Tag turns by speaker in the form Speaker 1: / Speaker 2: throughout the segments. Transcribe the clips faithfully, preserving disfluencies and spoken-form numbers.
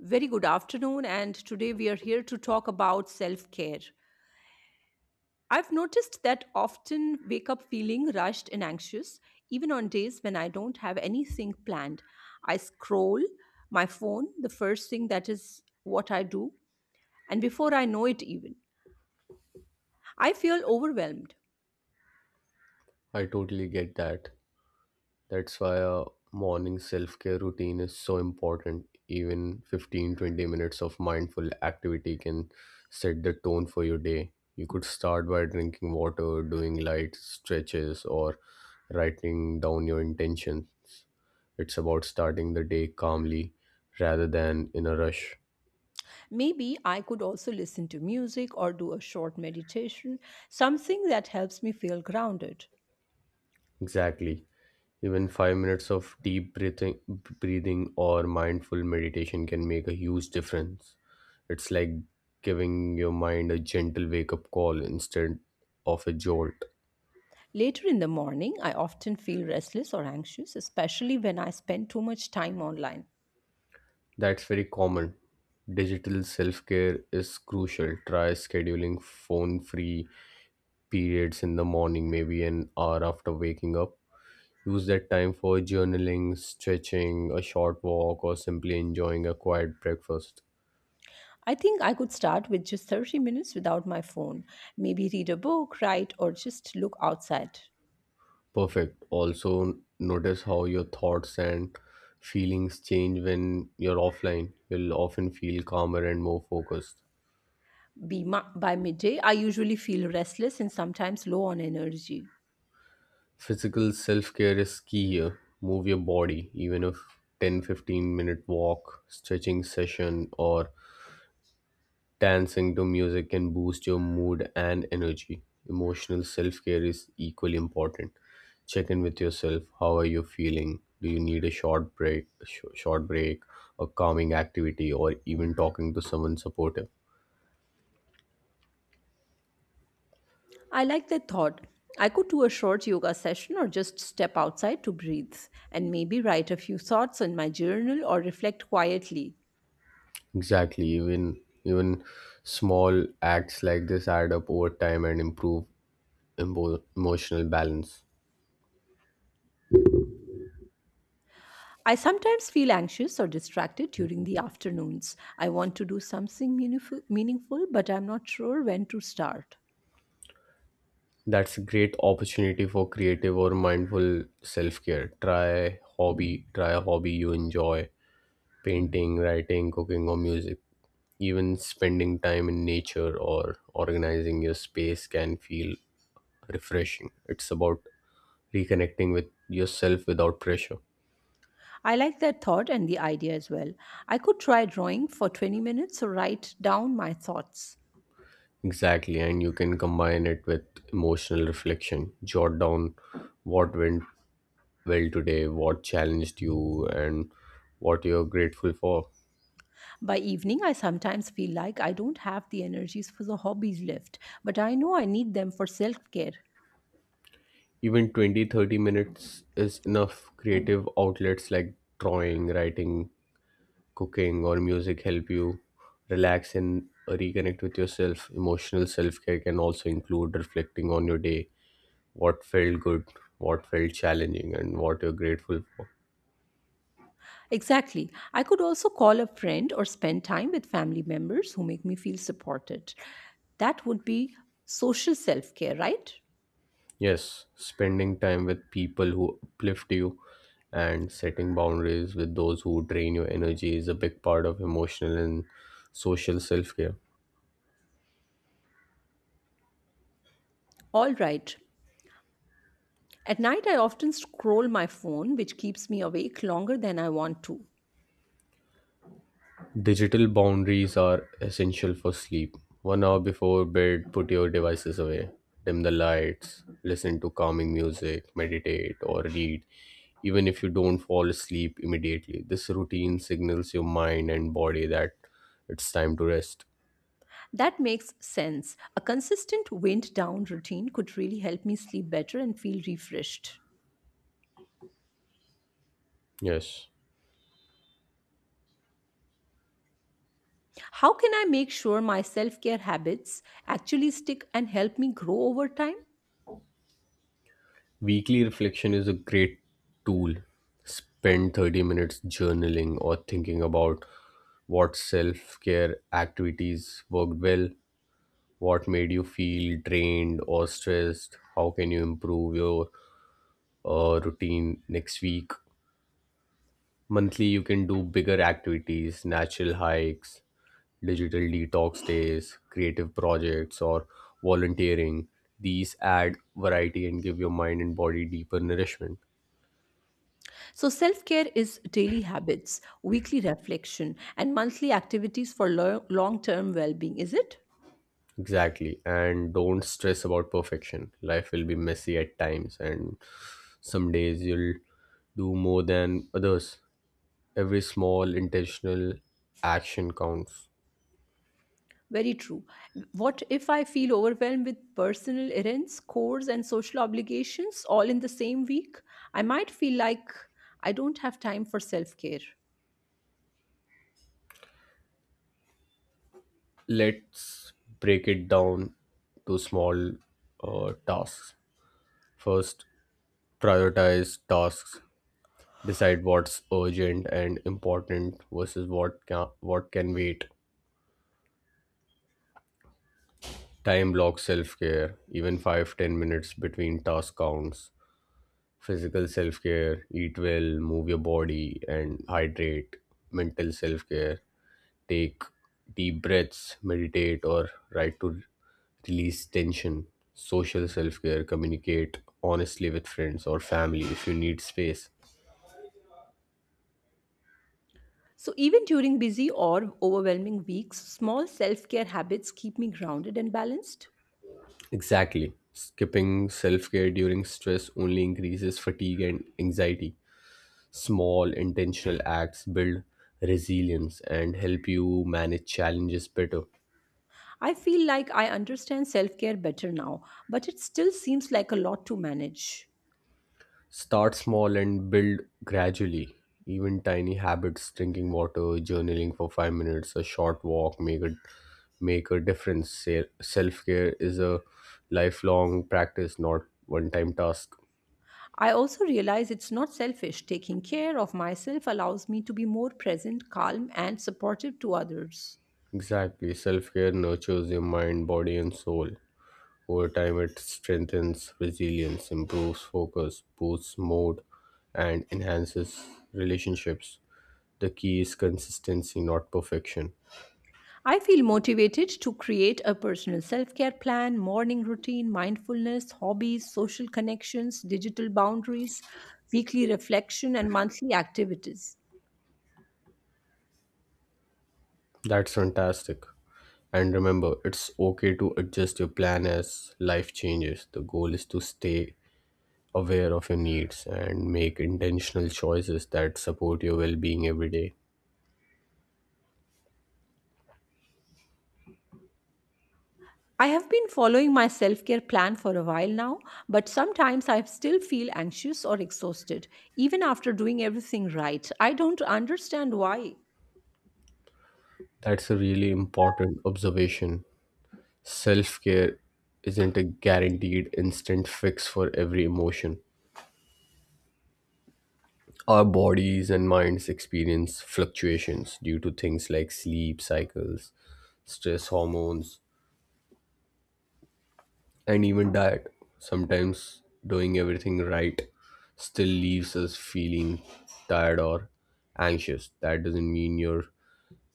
Speaker 1: Very good afternoon, and today we are here to talk about self care. I've noticed that often wake up feeling rushed and anxious, even on days when I don't have anything planned. I scroll my phone, the first thing that is what I do, and before I know it, even I feel overwhelmed.
Speaker 2: I totally get that. That's why a morning self care routine is so important. Even fifteen, twenty minutes of mindful activity can set the tone for your day. You could start by drinking water, doing light stretches, or writing down your intentions. It's about starting the day calmly rather than in a rush.
Speaker 1: Maybe I could also listen to music or do a short meditation, something that helps me feel grounded.
Speaker 2: Exactly. Even five minutes of deep breathing, breathing or mindful meditation can make a huge difference. It's like giving your mind a gentle wake up call instead of a jolt.
Speaker 1: Later in the morning, I often feel restless or anxious, especially when I spend too much time online.
Speaker 2: That's very common. Digital self care is crucial. Try scheduling phone free periods in the morning, maybe an hour after waking up. Use that time for journaling, stretching, a short walk, or simply enjoying a quiet breakfast.
Speaker 1: I think I could start with just thirty minutes without my phone, maybe read a book, write, or just look outside.
Speaker 2: Perfect. Also, notice how your thoughts and feelings change when you're offline. You'll often feel calmer and more focused.
Speaker 1: Be ma- by midday, I usually feel restless and sometimes low on energy.
Speaker 2: Physical self care is key here. Move your body, even if ten, fifteen minute walk, stretching session, or dancing to music can boost your mood and energy. Emotional self care is equally important. Check in with yourself. How are you feeling? Do you need a short break, sh- short break, a calming activity, or even talking to someone supportive?
Speaker 1: I like that thought. I could do a short yoga session or just step outside to breathe and maybe write a few thoughts in my journal or reflect quietly.
Speaker 2: Exactly. Even even small acts like this add up over time and improve emo- emotional balance.
Speaker 1: I sometimes feel anxious or distracted during the afternoons. I want to do something meaningful, meaningful, but I'm not sure when to start.
Speaker 2: That's a great opportunity for creative or mindful self care. Try hobby. Try a hobby you enjoy, painting, writing, cooking, or music. Even spending time in nature or organizing your space can feel refreshing. It's about reconnecting with yourself without pressure.
Speaker 1: I like that thought and the idea as well. I could try drawing for twenty minutes or write down my thoughts.
Speaker 2: Exactly, and you can combine it with emotional reflection. Jot down what went well today, what challenged you, and what you're grateful for.
Speaker 1: By evening, I sometimes feel like I don't have the energies for the hobbies left, but I know I need them for self care.
Speaker 2: Even twenty thirty minutes is enough. Creative outlets like drawing, writing, cooking or music help you relax and reconnect with yourself. Emotional self care can also include reflecting on your day, what felt good, what felt challenging, and what you're grateful for.
Speaker 1: Exactly. I could also call a friend or spend time with family members who make me feel supported. That would be social self care, right?
Speaker 2: Yes, spending time with people who uplift you and setting boundaries with those who drain your energy is a big part of emotional and social self care.
Speaker 1: All right. At night, I often scroll my phone, which keeps me awake longer than I want to.
Speaker 2: Digital boundaries are essential for sleep. One hour before bed, put your devices away, dim the lights, listen to calming music, meditate, or read, even if you don't fall asleep immediately. This routine signals your mind and body that it's time to rest.
Speaker 1: That makes sense. A consistent wind down routine could really help me sleep better and feel refreshed.
Speaker 2: Yes.
Speaker 1: How can I make sure my self care habits actually stick and help me grow over time?
Speaker 2: Weekly reflection is a great tool. Spend thirty minutes journaling or thinking about what self care activities worked well. What made you feel drained or stressed? How can you improve your uh, routine next week? Monthly, you can do bigger activities, natural hikes, digital detox days, creative projects, or volunteering. These add variety and give your mind and body deeper nourishment.
Speaker 1: So, self care is daily habits, weekly reflection, and monthly activities for long term well being, is it?
Speaker 2: Exactly. And don't stress about perfection. Life will be messy at times, and some days you'll do more than others. Every small intentional action counts.
Speaker 1: Very true. What if I feel overwhelmed with personal errands, chores, and social obligations all in the same week? I might feel like I don't have time for self care.
Speaker 2: Let's break it down to small uh, tasks. First, prioritize tasks. Decide what's urgent and important versus what can, what can wait. Time block self care, even five ten minutes between task counts. Physical self care, eat well, move your body, and hydrate. Mental self care, take deep breaths, meditate, or write to release tension. Social self care, communicate honestly with friends or family if you need space.
Speaker 1: So, even during busy or overwhelming weeks, small self care habits keep me grounded and balanced.
Speaker 2: Exactly. Skipping self care during stress only increases fatigue and anxiety. Small, intentional acts build resilience and help you manage challenges better.
Speaker 1: I feel like I understand self care better now, but it still seems like a lot to manage.
Speaker 2: Start small and build gradually. Even tiny habits, drinking water, journaling for five minutes, a short walk, make a make a difference. Self care is a lifelong practice, not one time task.
Speaker 1: I also realize it's not selfish. Taking care of myself allows me to be more present, calm, and supportive to others.
Speaker 2: Exactly. Self care nurtures your mind, body, and soul. Over time, it strengthens resilience, improves focus, boosts mood, and enhances relationships. The key is consistency, not perfection.
Speaker 1: I feel motivated to create a personal self care plan, morning routine, mindfulness, hobbies, social connections, digital boundaries, weekly reflection, and monthly activities.
Speaker 2: That's fantastic. And remember, it's okay to adjust your plan as life changes. The goal is to stay aware of your needs and make intentional choices that support your well being every day.
Speaker 1: I have been following my self care plan for a while now, but sometimes I still feel anxious or exhausted, even after doing everything right. I don't understand why.
Speaker 2: That's a really important observation. Self care isn't a guaranteed instant fix for every emotion. Our bodies and minds experience fluctuations due to things like sleep cycles, stress hormones, and even that, sometimes doing everything right still leaves us feeling tired or anxious. That doesn't mean your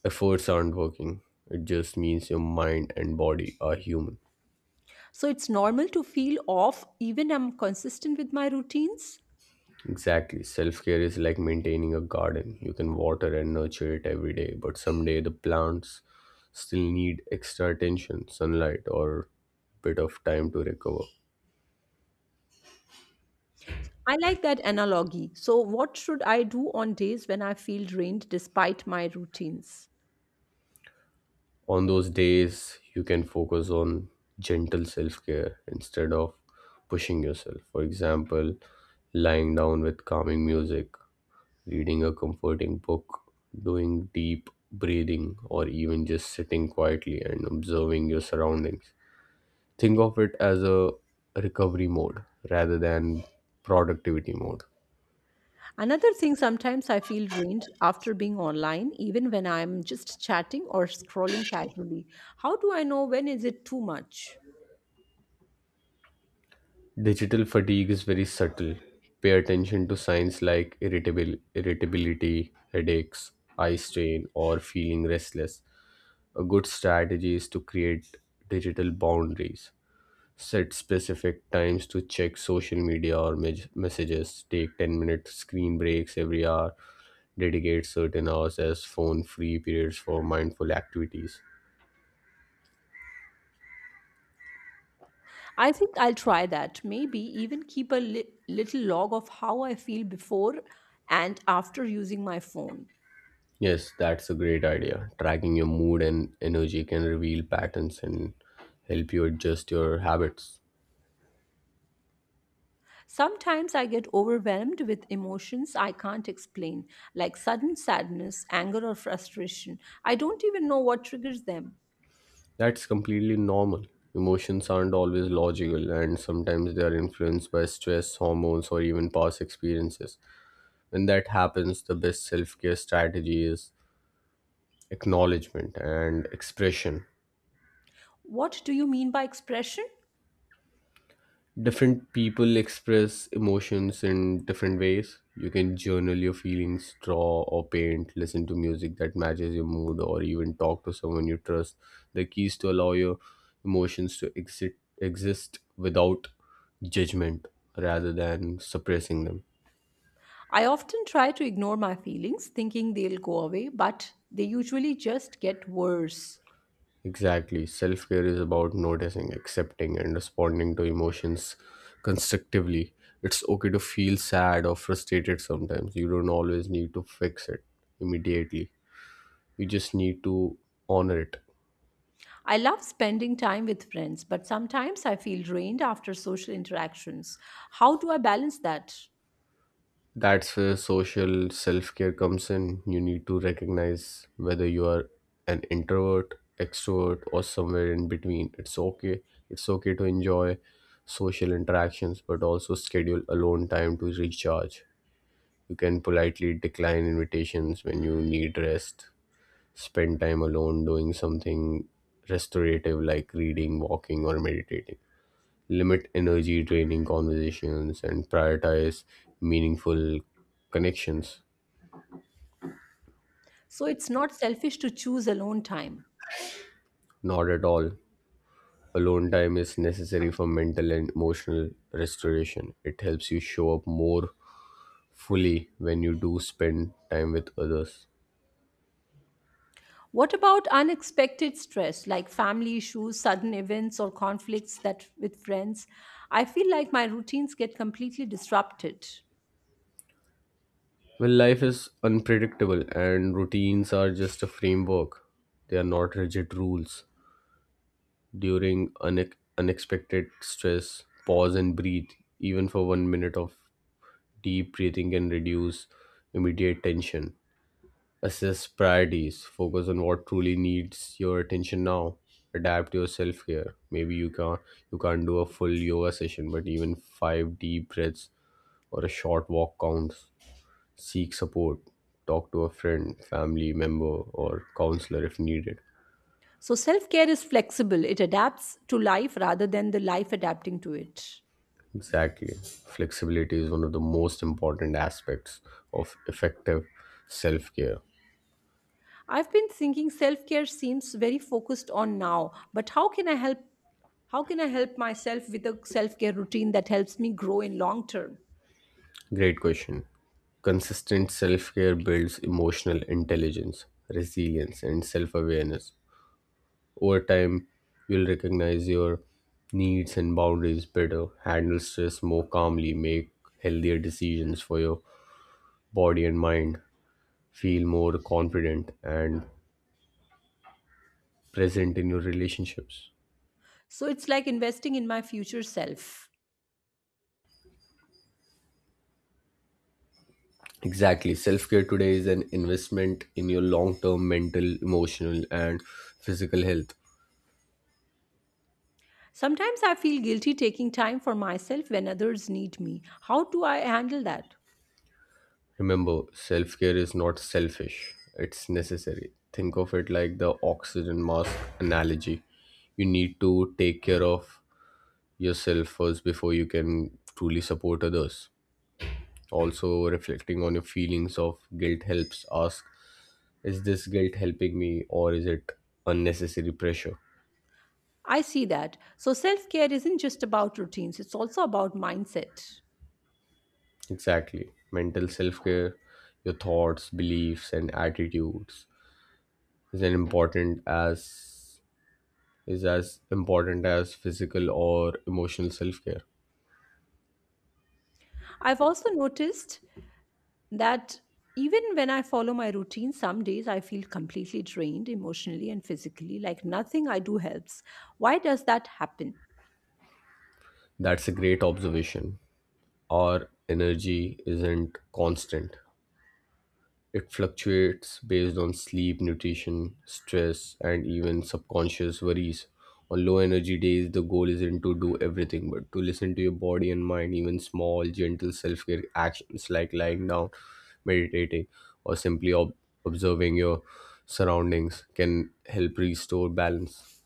Speaker 2: efforts aren't working, it just means your mind and body are human.
Speaker 1: So it's normal to feel off, even I'm consistent with my routines.
Speaker 2: Exactly. Self care is like maintaining a garden. You can water and nurture it every day, but someday the plants still need extra attention, sunlight, or bit of time to recover.
Speaker 1: I like that analogy. So, what should I do on days when I feel drained despite my routines?
Speaker 2: On those days, you can focus on gentle self care instead of pushing yourself. For example, lying down with calming music, reading a comforting book, doing deep breathing, or even just sitting quietly and observing your surroundings. Think of it as a recovery mode rather than productivity mode.
Speaker 1: Another thing, sometimes I feel drained after being online, even when I'm just chatting or scrolling casually. How do I know when is it too much?
Speaker 2: Digital fatigue is very subtle. Pay attention to signs like irritable, irritability, headaches, eye strain, or feeling restless. A good strategy is to create digital boundaries. Set specific times to check social media or mes- messages. Take ten minute screen breaks every hour. Dedicate certain hours as phone free periods for mindful activities.
Speaker 1: I think I'll try that. Maybe even keep a li- little log of how I feel before and after using my phone.
Speaker 2: Yes, that's a great idea. Tracking your mood and energy can reveal patterns and help you adjust your habits.
Speaker 1: Sometimes I get overwhelmed with emotions I can't explain, like sudden sadness, anger, or frustration. I don't even know what triggers them.
Speaker 2: That's completely normal. Emotions aren't always logical, and sometimes they are influenced by stress, hormones, or even past experiences. When that happens, the best self care strategy is acknowledgement and expression.
Speaker 1: What do you mean by expression?
Speaker 2: Different people express emotions in different ways. You can journal your feelings, draw or paint, listen to music that matches your mood, or even talk to someone you trust. The key is to allow your emotions to exist exist without judgment rather than suppressing them.
Speaker 1: I often try to ignore my feelings, thinking they'll go away, but they usually just get worse.
Speaker 2: Exactly. Self care is about noticing, accepting, and responding to emotions constructively. It's okay to feel sad or frustrated sometimes. You don't always need to fix it immediately. You just need to honor it.
Speaker 1: I love spending time with friends, but sometimes I feel drained after social interactions. How do I balance that?
Speaker 2: That's where social self-care comes in. You need to recognize whether you are an introvert, extrovert or somewhere in between. It's okay it's okay to enjoy social interactions but also schedule alone time to recharge. You can politely decline invitations when you need rest, spend time alone doing something restorative like reading, walking or meditating, limit energy draining conversations, and prioritize meaningful connections.
Speaker 1: So it's not selfish to choose alone time.
Speaker 2: Not at all. Alone time is necessary for mental and emotional restoration. It helps you show up more fully when you do spend time with others.
Speaker 1: What about unexpected stress like family issues, sudden events, or conflicts that with friends? I feel like my routines get completely disrupted.
Speaker 2: Well, life is unpredictable, and routines are just a framework. They are not rigid rules. During une- unexpected stress, pause and breathe, even for one minute of deep breathing can reduce immediate tension. Assess priorities. Focus on what truly needs your attention now. Adapt your self care. Maybe you can't you can't do a full yoga session, but even five deep breaths or a short walk counts. Seek support. Talk to a friend, family member, or counselor if needed.
Speaker 1: So self care is flexible, it adapts to life rather than the life adapting to it.
Speaker 2: Exactly. Flexibility is one of the most important aspects of effective self care.
Speaker 1: I've been thinking self care seems very focused on now, but how can I help how can i help myself with a self-care routine that helps me grow in long term?
Speaker 2: Great question. Consistent self care builds emotional intelligence, resilience, and self awareness. Over time, you'll recognize your needs and boundaries better, handle stress more calmly, make healthier decisions for your body and mind, feel more confident and present in your relationships.
Speaker 1: So it's like investing in my future self.
Speaker 2: Exactly. Self care today is an investment in your long term mental, emotional, and physical health.
Speaker 1: Sometimes I feel guilty taking time for myself when others need me. How do I handle that?
Speaker 2: Remember, self care is not selfish, it's necessary. Think of it like the oxygen mask analogy. You need to take care of yourself first before you can truly support others. Also, reflecting on your feelings of guilt helps. Ask, is this guilt helping me or is it unnecessary pressure?
Speaker 1: I see that, so self-care isn't just about routines, it's also about mindset.
Speaker 2: Exactly. Mental self care, your thoughts, beliefs, and attitudes is as important as is as important as physical or emotional self care.
Speaker 1: I've also noticed that even when I follow my routine, some days I feel completely drained emotionally and physically, like nothing I do helps. Why does that happen?
Speaker 2: That's a great observation. Our energy isn't constant, it fluctuates based on sleep, nutrition, stress, and even subconscious worries. On low energy days, the goal isn't to do everything, but to listen to your body and mind. Even small, gentle self care actions like lying down, meditating, or simply ob- observing your surroundings can help restore balance.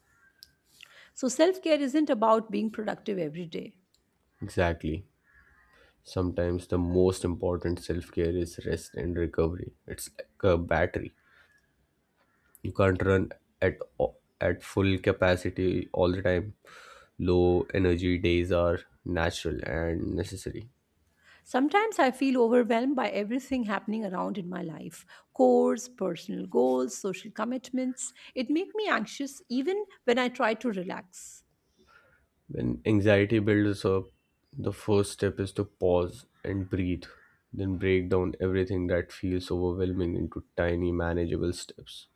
Speaker 1: So self care isn't about being productive every day.
Speaker 2: Exactly. Sometimes the most important self care is rest and recovery. It's like a battery. You can't run at o- at full capacity all the time. Low energy days are natural and necessary.
Speaker 1: Sometimes I feel overwhelmed by everything happening around in my life course, personal goals, social commitments. It makes me anxious even when I try to relax.
Speaker 2: When anxiety builds up, the first step is to pause and breathe, then break down everything that feels overwhelming into tiny manageable steps.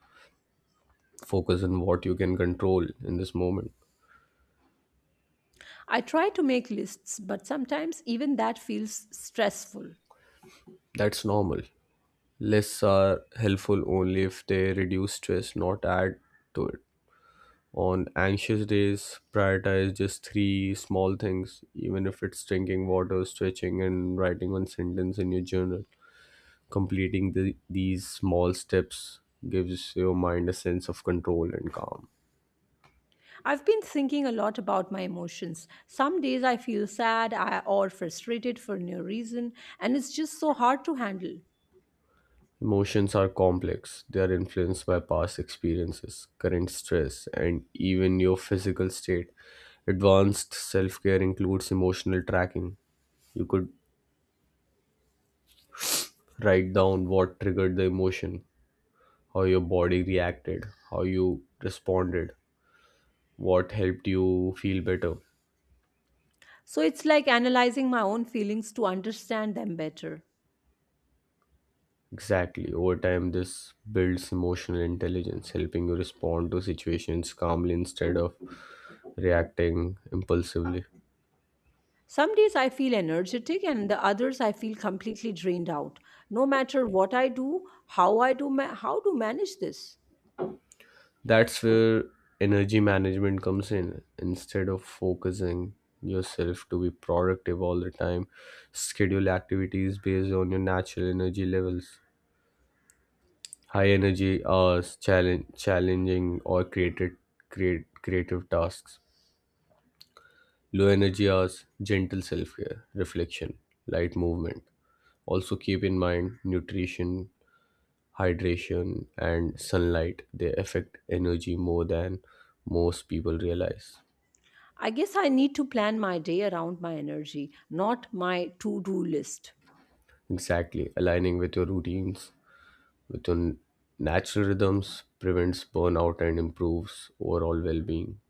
Speaker 2: Focus on what you can control in this moment.
Speaker 1: I try to make lists, but sometimes even that feels stressful.
Speaker 2: That's normal. Lists are helpful only if they reduce stress, not add to it. On anxious days, prioritize just three small things, even if it's drinking water, stretching, and writing one sentence in your journal. Completing the, these small steps gives your mind a sense of control and calm.
Speaker 1: I've been thinking a lot about my emotions. Some days I feel sad I- or frustrated for no reason, and it's just so hard to handle.
Speaker 2: Emotions are complex, they are influenced by past experiences, current stress, and even your physical state. Advanced self care includes emotional tracking. You could write down what triggered the emotion, how your body reacted, how you responded, what helped you feel better.
Speaker 1: So it's like analyzing my own feelings to understand them better.
Speaker 2: Exactly. Over time, this builds emotional intelligence, helping you respond to situations calmly instead of reacting impulsively.
Speaker 1: Some days I feel energetic, and the others I feel completely drained out. No matter what I do, how I do, ma- how to manage this?
Speaker 2: That's where energy management comes in. Instead of focusing yourself to be productive all the time, schedule activities based on your natural energy levels. High energy hours, challenge challenging or created create creative tasks. Low energy hours, gentle self-care, reflection, light movement. Also keep in mind nutrition, hydration, and sunlight, they affect energy more than most people realize.
Speaker 1: I guess I need to plan my day around my energy, not my to do list.
Speaker 2: Exactly. Aligning with your routines, with your natural rhythms, prevents burnout and improves overall well-being.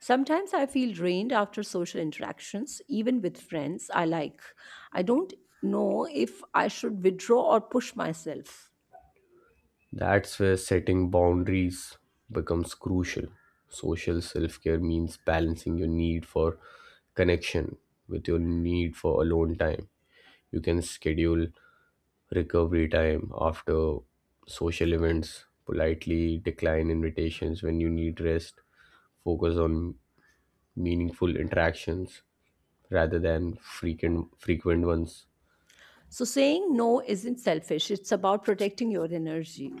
Speaker 1: Sometimes I feel drained after social interactions, even with friends I like. I don't know if I should withdraw or push myself.
Speaker 2: That's where setting boundaries becomes crucial. Social self care means balancing your need for connection with your need for alone time. You can schedule recovery time after social events, politely decline invitations when you need rest, focus on meaningful interactions rather than frequent frequent ones.
Speaker 1: So, saying no isn't selfish, it's about protecting your energy.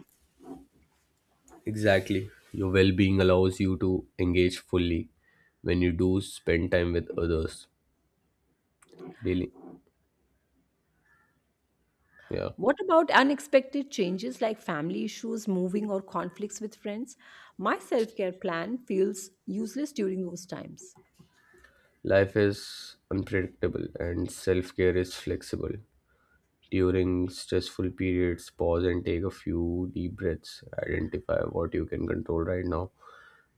Speaker 2: Exactly. Your well being allows you to engage fully when you do spend time with others daily. Yeah.
Speaker 1: What about unexpected changes like family issues, moving, or conflicts with friends? My self care plan feels useless during those times.
Speaker 2: Life is unpredictable and self care is flexible. During stressful periods, pause and take a few deep breaths. Identify what you can control right now.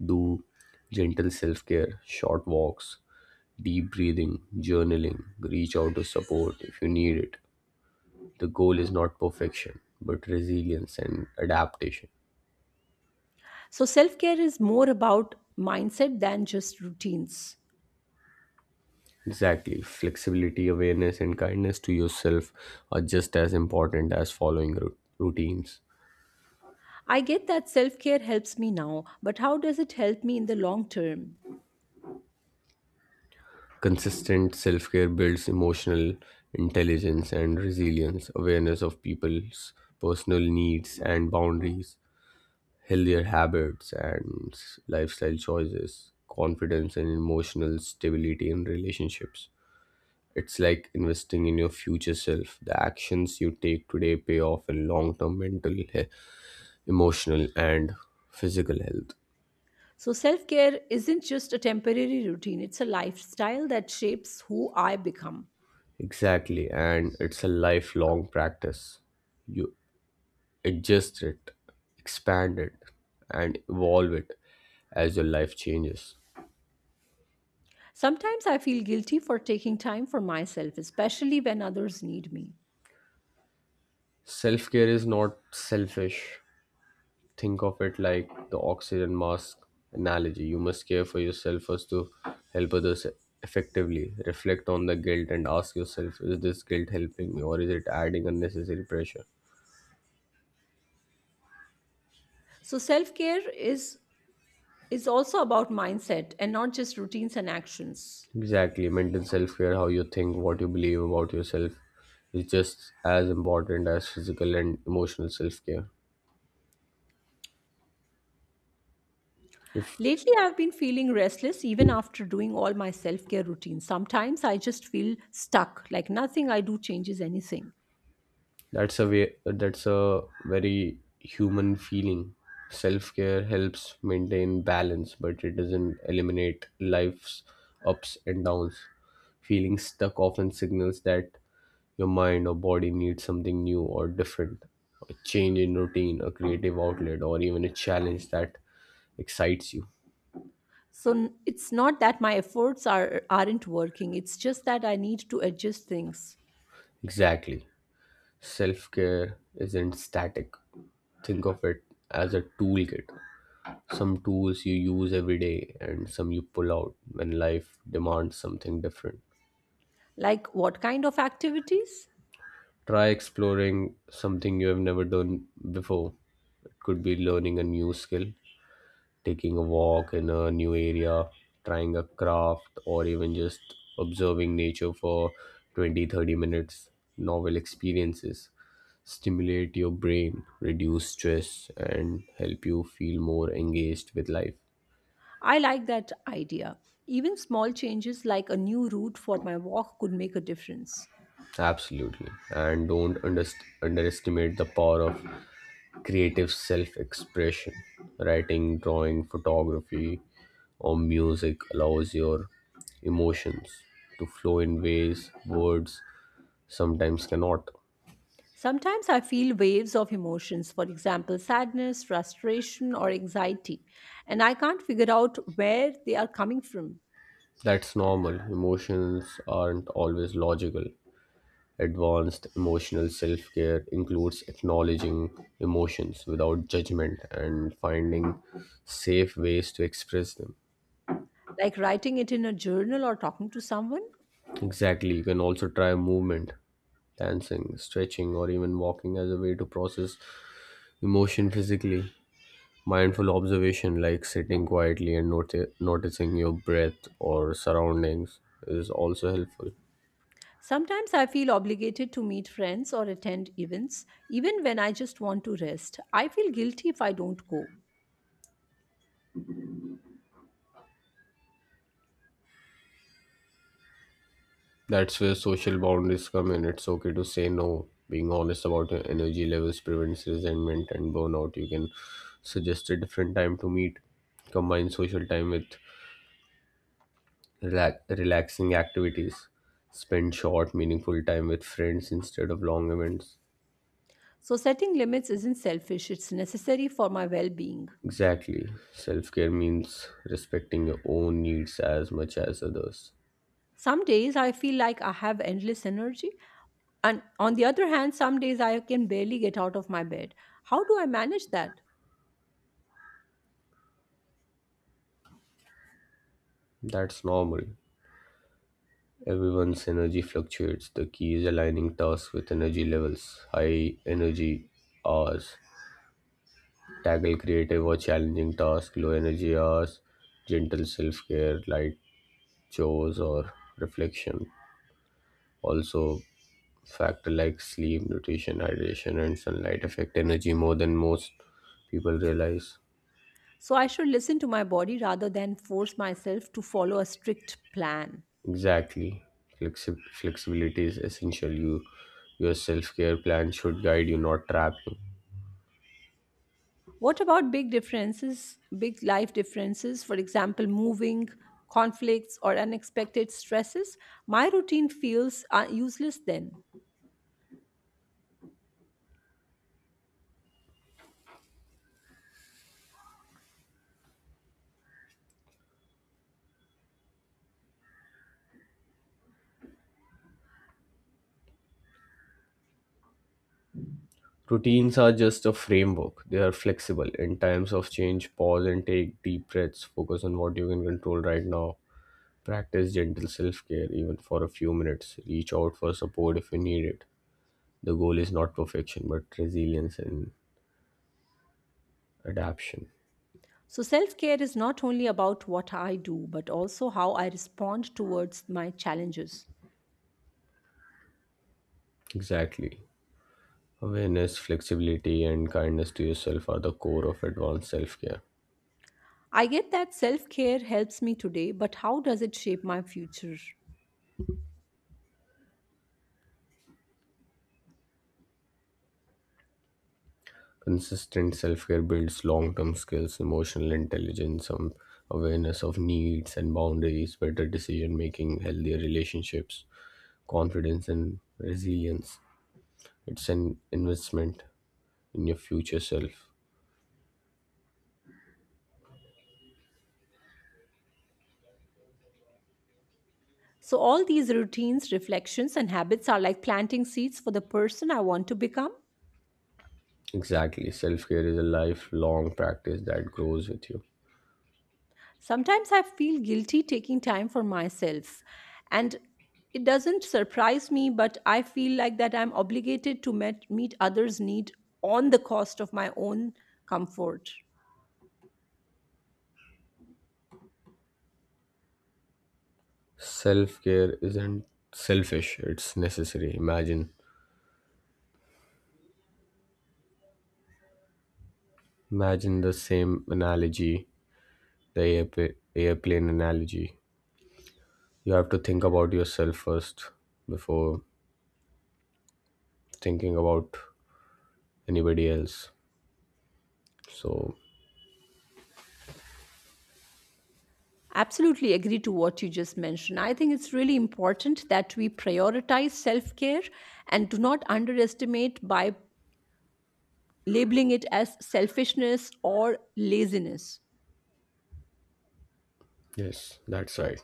Speaker 2: Do gentle self care, short walks, deep breathing, journaling. Reach out to support if you need it. The goal is not perfection, but resilience and adaptation.
Speaker 1: So, self care is more about mindset than just routines.
Speaker 2: Exactly. Flexibility, awareness, and kindness to yourself are just as important as following rou- routines.
Speaker 1: I get that self care helps me now, but how does it help me in the long term?
Speaker 2: Consistent self care builds emotional intelligence and resilience, awareness of people's personal needs and boundaries, healthier habits and s- lifestyle choices, confidence and emotional stability in relationships. It's like investing in your future self. The actions you take today pay off in long term mental, he- emotional, and physical health.
Speaker 1: So, self care isn't just a temporary routine, it's a lifestyle that shapes who I become.
Speaker 2: Exactly, and it's a lifelong practice. You adjust it, expand it, and evolve it as your life changes.
Speaker 1: Sometimes I feel guilty for taking time for myself, especially when others need me.
Speaker 2: Self care is not selfish. Think of it like the oxygen mask analogy. You must care for yourself first to help others effectively. Reflect on the guilt and ask yourself, is this guilt helping me or is it adding unnecessary pressure?
Speaker 1: So, self care is, is also about mindset and not just routines and actions.
Speaker 2: Exactly. Mental self care, how you think, what you believe about yourself, is just as important as physical and emotional self care. If
Speaker 1: Lately, I've been feeling restless even after doing all my self care routines. Sometimes I just feel stuck, like nothing I do changes anything.
Speaker 2: that's a way, that's a very human feeling. Self care helps maintain balance, but it doesn't eliminate life's ups and downs. Feeling stuck often signals that your mind or body needs something new or different, a change in routine, a creative outlet, or even a challenge that excites you.
Speaker 1: So n- it's not that my efforts are aren't working. It's just that I need to adjust things.
Speaker 2: Exactly. Self care isn't static. Think of it as a toolkit. Some tools you use every day and some you pull out when life demands something different.
Speaker 1: Like what kind of activities?
Speaker 2: Try exploring something you have never done before. It could be learning a new skill, taking a walk in a new area, trying a craft, or even just observing nature for twenty thirty minutes. Novel experiences stimulate your brain, reduce stress, and help you feel more engaged with life.
Speaker 1: I like that idea. Even small changes like a new route for my walk could make a difference.
Speaker 2: Absolutely. And don't underst- underestimate the power of creative self expression. Writing, drawing, photography, or music allows your emotions to flow in ways words sometimes cannot.
Speaker 1: Sometimes I feel waves of emotions, for example, sadness, frustration, or anxiety, and I can't figure out where they are coming from.
Speaker 2: That's normal. Emotions aren't always logical. Advanced emotional self care includes acknowledging emotions without judgment and finding safe ways to express them.
Speaker 1: Like writing it in a journal or talking to someone.
Speaker 2: Exactly, you can also try movement, dancing, stretching, or even walking as a way to process emotion physically. Mindful observation, like sitting quietly and noti- noticing your breath or surroundings, is also helpful.
Speaker 1: Sometimes I feel obligated to meet friends or attend events, even when I just want to rest. I feel guilty if I don't go.
Speaker 2: That's where social boundaries come in. It's okay to say no. Being honest about your energy levels prevents resentment and burnout. You can suggest a different time to meet. Combine social time with relax- relaxing activities. Spend short, meaningful time with friends instead of long events.
Speaker 1: So, setting limits isn't selfish, it's necessary for my well being.
Speaker 2: Exactly. Self care means respecting your own needs as much as others.
Speaker 1: Some days I feel like I have endless energy, and on the other hand, some days I can barely get out of my bed. How do I manage that?
Speaker 2: That's normal. Everyone's energy fluctuates. The key is aligning tasks with energy levels. High energy hours, tackle creative or challenging tasks. Low energy hours, gentle self care, light chores, or reflection. Also, factor like sleep, nutrition, hydration, and sunlight affect energy more than most people realize.
Speaker 1: So, I should listen to my body rather than force myself to follow a strict plan.
Speaker 2: Exactly. Flexi- flexibility is essential. You, your self care plan should guide you, not trap you.
Speaker 1: What about big differences, big life differences, for example, moving, conflicts, or unexpected stresses? My routine feels uh, useless then.
Speaker 2: Routines are just a framework. They are flexible. In times of change, pause and take deep breaths. Focus on what you can control right now. Practice gentle self care, even for a few minutes. Reach out for support if you need it. The goal is not perfection, but resilience and adaptation.
Speaker 1: So, self care is not only about what I do, but also how I respond towards my challenges.
Speaker 2: Exactly. Awareness, flexibility, and kindness to yourself are the core of advanced self care.
Speaker 1: I get that self care helps me today, but how does it shape my future?
Speaker 2: Consistent self care builds long term skills, emotional intelligence, some awareness of needs and boundaries, better decision making, healthier relationships, confidence, and resilience. It's an investment in your future self.
Speaker 1: So, all these routines, reflections, and habits are like planting seeds for the person I want to become.
Speaker 2: Exactly. Self care is a lifelong practice that grows with you.
Speaker 1: Sometimes I feel guilty taking time for myself. And it doesn't surprise me, but I feel like that I'm obligated to met, meet others' need on the cost of my own comfort.
Speaker 2: Self care isn't selfish, it's necessary. Imagine. Imagine the same analogy, the airpa- airplane analogy. You have to think about yourself first before thinking about anybody else, so.
Speaker 1: Absolutely agree to what you just mentioned. I think it's really important that we prioritize self care and do not underestimate by labeling it as selfishness or laziness.
Speaker 2: Yes, that's right.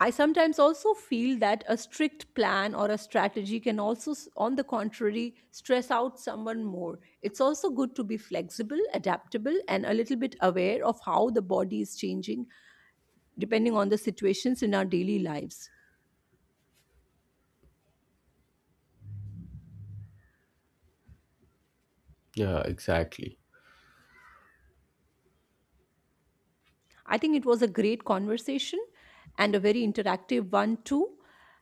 Speaker 1: I sometimes also feel that a strict plan or a strategy can also, s- on the contrary, stress out someone more. It's also good to be flexible, adaptable, and a little bit aware of how the body is changing depending on the situations in our daily lives.
Speaker 2: Yeah, exactly.
Speaker 1: I think it was a great conversation and a very interactive one, too.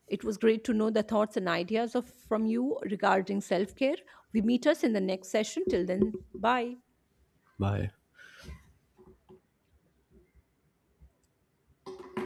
Speaker 1: It was great to know the thoughts and ideas of, from you regarding self care. We meet us in the next session. Till then, bye.
Speaker 2: Bye.